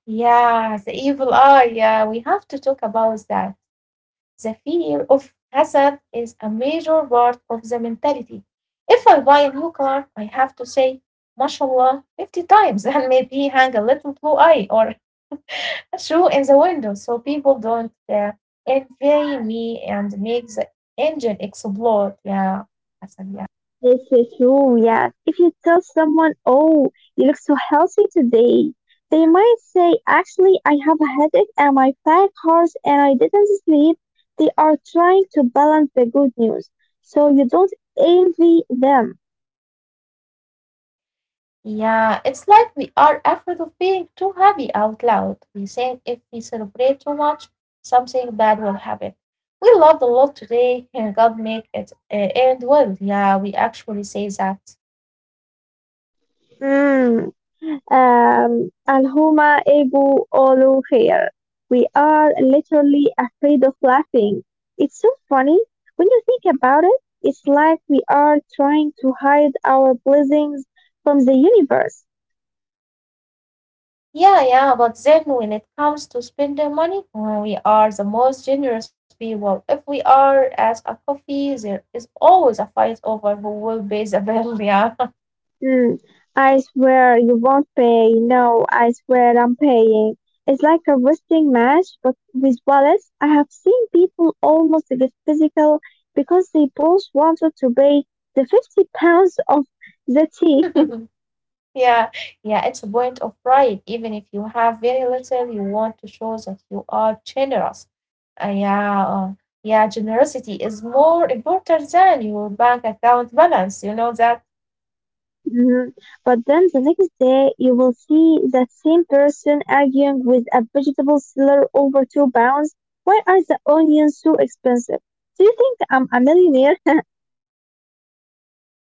[SPEAKER 1] Yeah. The evil eye. Yeah. We have to talk about that. The fear of hazard is a major part of the mentality. If I buy a new car, I have to say, mashallah, 50 times [laughs] and maybe hang a little blue eye or [laughs] a shoe in the window so people don't envy me and make the engine explode. Yeah. Hassan, yeah.
[SPEAKER 2] This is true, yes. If you tell someone, oh, you look so healthy today, they might say, actually, I have a headache and my back hurts and I didn't sleep. They are trying to balance the good news, so you don't envy them.
[SPEAKER 1] Yeah, it's like we are afraid of being too happy out loud. We think if we celebrate too much, something bad will happen. We loved a lot today, and God make it end well. Yeah, we actually say that.
[SPEAKER 2] Mm. Alhuma ego olo hair. We are literally afraid of laughing. It's so funny. When you think about it, it's like we are trying to hide our blessings from the universe.
[SPEAKER 1] Yeah, yeah, but then when it comes to spending money, well, we are the most generous people. If we are at a coffee, there is always a fight over who will pay the bill. Yeah.
[SPEAKER 2] Hmm. I swear you won't pay. No, I swear I'm paying. It's like a wrestling match, but with wallets. I have seen people almost get physical because they both wanted to pay the 50 pounds of the tea.
[SPEAKER 1] [laughs] Yeah, yeah, it's a point of pride. Even if you have very little, you want to show that you are generous. Yeah, yeah, generosity is more important than your bank account balance. You know that?
[SPEAKER 2] Mhm. But then the next day, you will see that same person arguing with a vegetable seller over 2 pounds. Why are the onions so expensive? Do you think I'm a millionaire? [laughs]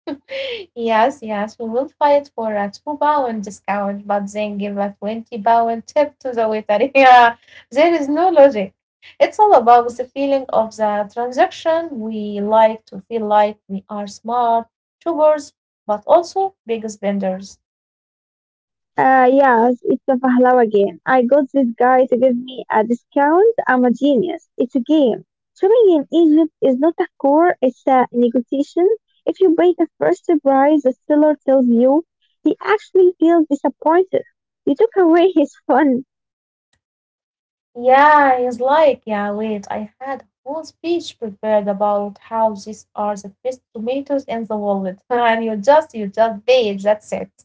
[SPEAKER 1] [laughs] Yes, yes, we will fight for a 2 pound discount, but then give a 20 pound tip to the waiter. [laughs] Yeah, there is no logic. It's all about the feeling of the transaction. We like to feel like we are smart, shoppers, but also big spenders.
[SPEAKER 2] Yes, it's a Pahlawa game. I got this guy to give me a discount. I'm a genius. It's a game. Shopping in Egypt is not a core, it's a negotiation. If you pay the first price the seller tells you, he actually feels disappointed. You took away his fun.
[SPEAKER 1] Yeah, he's like, yeah, wait, I had a whole speech prepared about how these are the best tomatoes in the world. [laughs] And you just bake, that's it.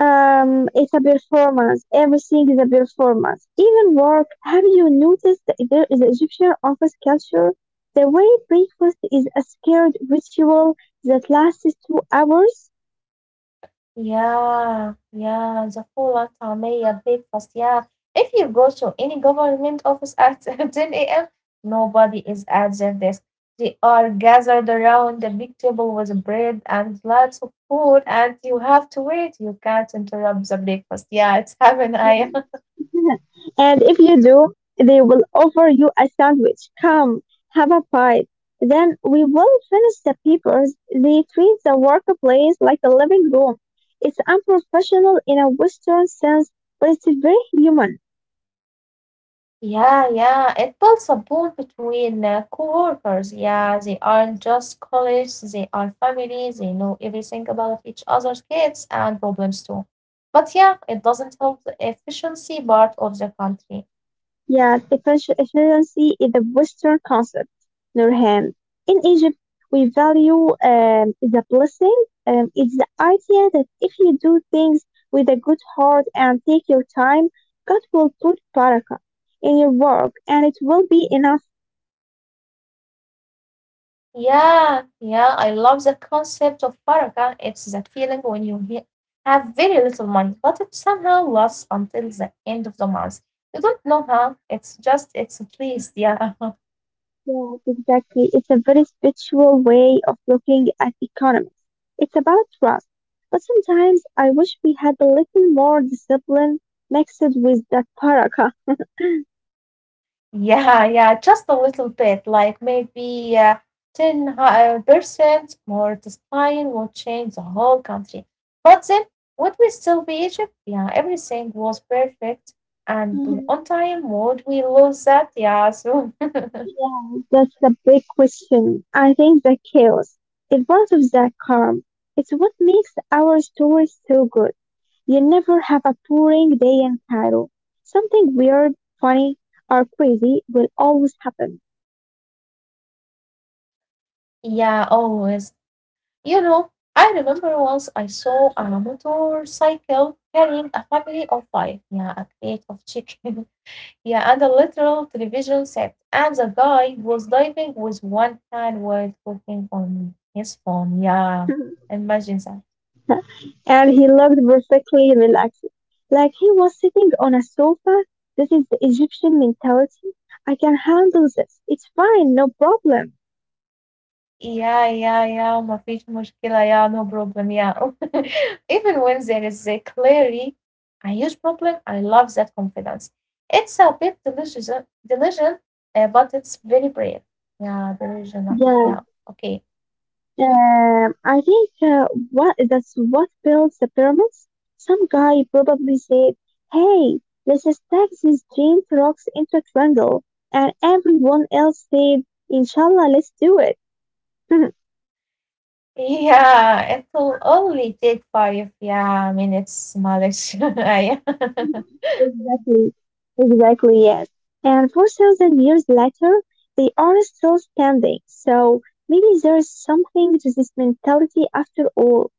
[SPEAKER 2] It's a performance. Everything is a performance. Even work. Have you noticed that there is Egyptian office culture? The way breakfast is a scared ritual that lasts 2 hours.
[SPEAKER 1] Yeah, yeah, the full tamia breakfast, yeah. If you go to any government office at [laughs] 10 a.m., nobody is at their desk. They are gathered around the big table with bread and lots of food, and you have to wait. You can't interrupt the breakfast. Yeah, it's [laughs] heaven. I
[SPEAKER 2] [laughs] And if you do, they will offer you a sandwich. Come, have a bite. Then we will finish the papers. They treat the workplace like a living room. It's unprofessional in a Western sense, but it's very human.
[SPEAKER 1] Yeah, yeah. It builds a bond between coworkers. Yeah, they aren't just colleagues, they are family. They know everything about each other's kids and problems too. But yeah, it doesn't help the efficiency part of the country.
[SPEAKER 2] Efficiency is a Western concept, Nurhan. In Egypt, we value the blessing. It's the idea that if you do things with a good heart and take your time, God will put barakah in your work and it will be enough.
[SPEAKER 1] Yeah, yeah. I love the concept of baraka. It's that feeling when you have very little money, but it somehow lasts until the end of the month. You don't know how. It's just, it's a pleased. Yeah. [laughs]
[SPEAKER 2] Yes, exactly. It's a very spiritual way of looking at economics. It's about trust. But sometimes I wish we had a little more discipline mixed with that barakah.
[SPEAKER 1] Yeah, yeah, just a little bit, like maybe 10 percent more discipline will change the whole country. But then, would we still be Egypt? Yeah, everything was perfect and on
[SPEAKER 2] [laughs]
[SPEAKER 1] time. Would we lose that? Yeah, so
[SPEAKER 2] Yeah, that's the big question. I think the chaos is part of that charm. It's what makes our stories so good. You never have a boring day in Cairo. Something weird, funny, or crazy will always happen.
[SPEAKER 1] [laughs] yeah, always. You know, I remember once I saw a motorcycle carrying a family of five. Yeah, a crate of chicken. Yeah, and a literal television set. And the guy was diving with one hand while talking on his phone. Yeah,
[SPEAKER 2] [laughs]
[SPEAKER 1] imagine that.
[SPEAKER 2] And he looked perfectly relaxed, like he was sitting on a sofa. This is the Egyptian mentality. I can handle this. It's fine, no problem.
[SPEAKER 1] Yeah, yeah, yeah, ما فيش مشكلة. Yeah, no problem. Yeah. [laughs] Even when there is a clearly a huge problem, I love that confidence. It's a bit delusion, but it's very brave. Yeah, delusional. Yeah,
[SPEAKER 2] Yeah.
[SPEAKER 1] okay.
[SPEAKER 2] I think what that's what builds the pyramids. Some guy probably said, "Hey, let's stack these giant rocks into a triangle," and everyone else said, "Inshallah, let's do it." [laughs]
[SPEAKER 1] Yeah, it will only take five yeah minutes, Malish. [laughs]
[SPEAKER 2] Exactly, exactly, yes. And 4,000 years later, they are still standing. So maybe there is something to this mentality after all.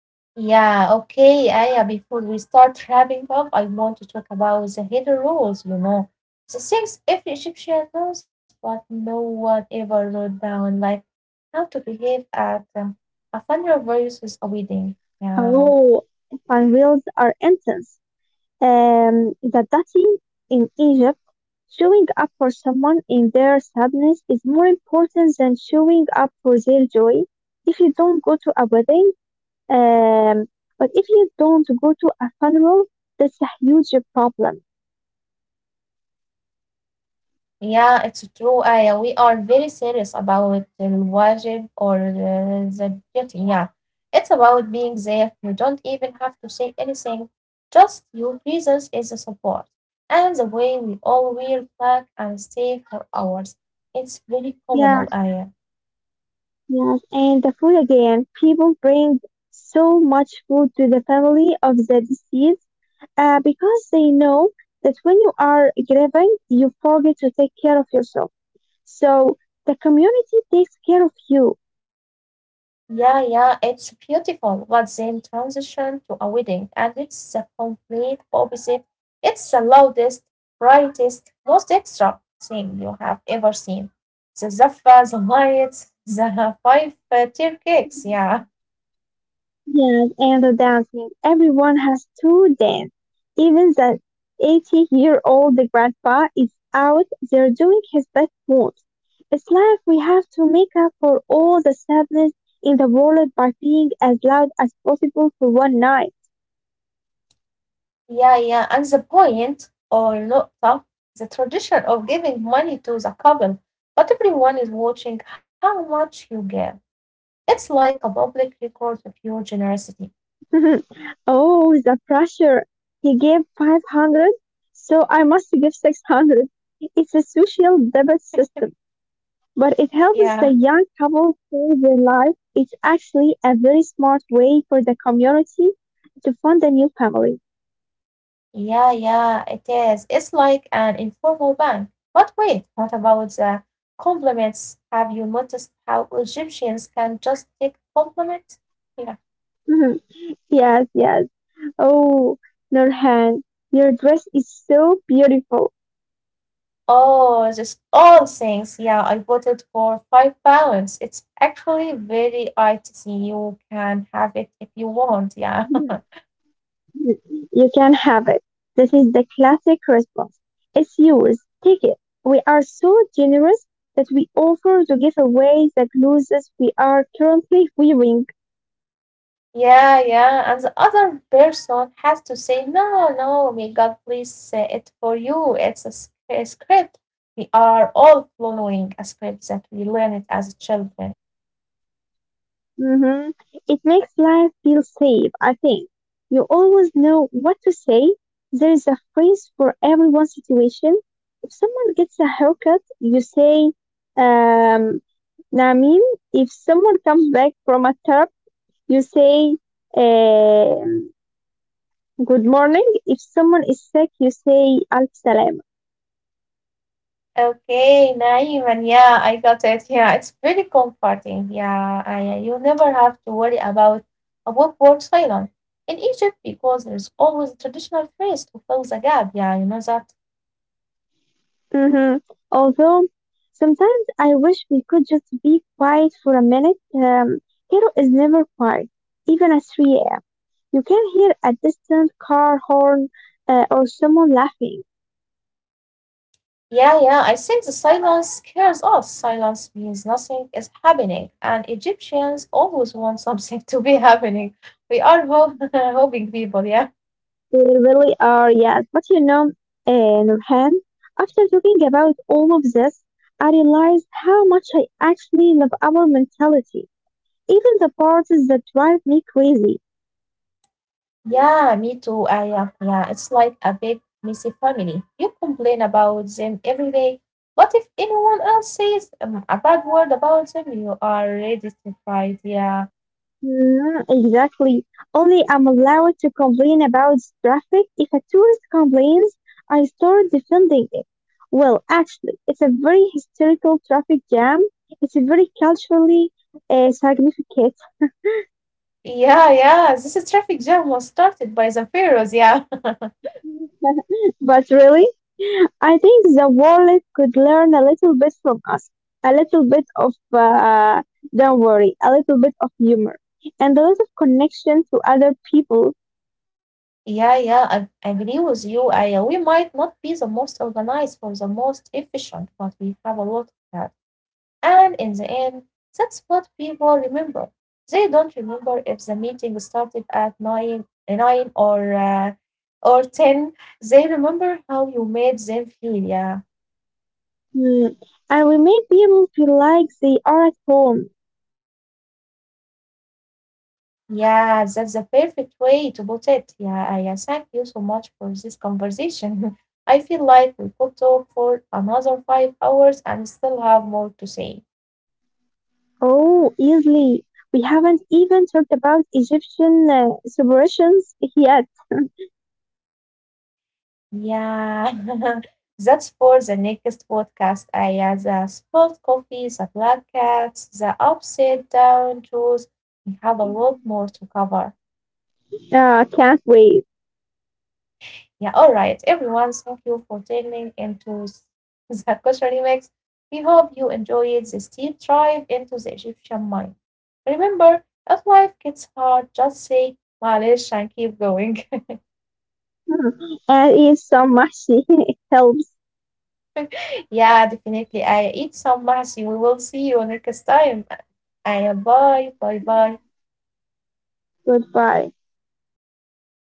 [SPEAKER 1] [laughs] yeah, okay, Aya. Before we start wrapping up, I want to talk about the hidden rules. You know, the things every Egyptian knows, but no one ever wrote down, like how to behave at a funeral versus a wedding. Yeah.
[SPEAKER 2] Oh, fun reels are intense. The dating in Egypt, showing up for someone in their sadness is more important than showing up for their joy. If you don't go to a wedding, um, but if you don't go to a funeral, that's a huge problem.
[SPEAKER 1] Yeah, it's true, Aya. We are very serious about the wajib or the duty. Yeah, it's about being there. You don't even have to say anything. Just your presence is a support. And the way we all wear black and stay for hours, it's very
[SPEAKER 2] Yeah,
[SPEAKER 1] communal, Aya.
[SPEAKER 2] yes. And the food again, people bring so much food to the family of the deceased because they know that when you are grieving, you forget to take care of yourself. So the community takes care of you.
[SPEAKER 1] Yeah, yeah, it's beautiful. But then transition to a wedding, and it's the complete opposite. It's the loudest, brightest, most extra thing you have ever seen. The zaffa, the lights, the five tier cakes. Yeah,
[SPEAKER 2] Yes, and the dancing. Everyone has to dance. Even the 80-year-old grandpa is out there doing his best moves. It's like we have to make up for all the sadness in the world by being as loud as possible for one night.
[SPEAKER 1] yeah, yeah. And the point or nota, the tradition of giving money to the couple, but everyone is watching how much you give. It's like a public record of your generosity.
[SPEAKER 2] [laughs] Oh, the pressure. He gave 500, so I must give 600. It's a social debit system, but it helps the
[SPEAKER 1] Yeah.
[SPEAKER 2] young couple save their life. It's actually a very smart way for the community to fund a new family.
[SPEAKER 1] Yeah, yeah, it is. It's like an informal bank. But wait, what about the compliments? Have you noticed how Egyptians can just take compliments? Yeah.
[SPEAKER 2] Mhm. Yes, yes. Oh, Nurhan, your dress is so beautiful.
[SPEAKER 1] Oh, just all things. Yeah, I voted for 5 pounds. It's actually very eye to see. You can have it if you want. Yeah.
[SPEAKER 2] [laughs] You can have it. That is the classic response. It's yours. Take it. We are so generous that we offer to give away the clothes we are currently wearing.
[SPEAKER 1] Yeah, yeah. And the other person has to say, no, no, may God please say it for you. It's a script. We are all following a script that we learned as children.
[SPEAKER 2] Hmm. It makes life feel safe, I think. You always know what to say. There is a phrase for everyone's situation. If someone gets a haircut, you say, um, Namin. If someone comes back from a trip, you say, um, good morning. If someone is sick, you say, al.
[SPEAKER 1] Okay, naive. And yeah, I got it. Yeah, it's very comforting. Yeah, you never have to worry about a book word silent in Egypt because there's always a traditional phrase to fill the gap. Yeah, you know that.
[SPEAKER 2] Hmm. Although sometimes I wish we could just be quiet for a minute. Cairo is never quiet, even at 3 a.m. You can hear a distant car horn or someone laughing.
[SPEAKER 1] Yeah, yeah. I think the silence scares us. Silence means nothing is happening, and Egyptians always want [laughs] something to be happening. We are [laughs] hoping people, yeah.
[SPEAKER 2] They really are, yes. But you know, Nurhan, after talking about all of this, I realized how much I actually love our mentality, even the parts that drive me crazy.
[SPEAKER 1] Yeah, me too. I am. Yeah, it's like a big messy family. You complain about them every day, but if anyone else says a bad word about them, you are ready to fight. Yeah,
[SPEAKER 2] Mm, exactly. Only I'm allowed to complain about traffic. If a tourist complains, I start defending it. Well, actually, it's a very historical traffic jam. It's a very culturally significant.
[SPEAKER 1] yeah, yeah. This traffic jam was started by the pharaohs. Yeah. [laughs]
[SPEAKER 2] [laughs] But really, I think the world could learn a little bit from us, a little bit of don't worry, a little bit of humor, and a lot of connection to other people.
[SPEAKER 1] Yeah, yeah, I agree with you. We might not be the most organized or the most efficient, but we have a lot of that. And in the end, that's what people remember. They don't remember if the meeting started at nine or ten. They remember how you made them feel. Yeah,
[SPEAKER 2] Hmm. I will make them feel like they are at home.
[SPEAKER 1] yeah, that's the perfect way to put it. Yeah, I thank you so much for this conversation. [laughs] I feel like we could talk for another 5 hours and still have more to say.
[SPEAKER 2] Oh, easily. We haven't even talked about Egyptian celebrations yet.
[SPEAKER 1] Yeah, [laughs] that's for the next podcast. I The spilled coffee, the black cats, the upside down shoes. We have a lot more to cover.
[SPEAKER 2] Can't wait.
[SPEAKER 1] Yeah, all right, everyone. Thank you for tuning into [laughs] the kosher remix. We hope you enjoyed this deep dive into the Egyptian mind. Remember, if life gets hard, just say "Malish" and keep going.
[SPEAKER 2] Hmm. And eat some mashi. [laughs] It helps.
[SPEAKER 1] Yeah, definitely. I eat some mahsi. We will see you next time. Aya, bye. Bye bye.
[SPEAKER 2] Goodbye.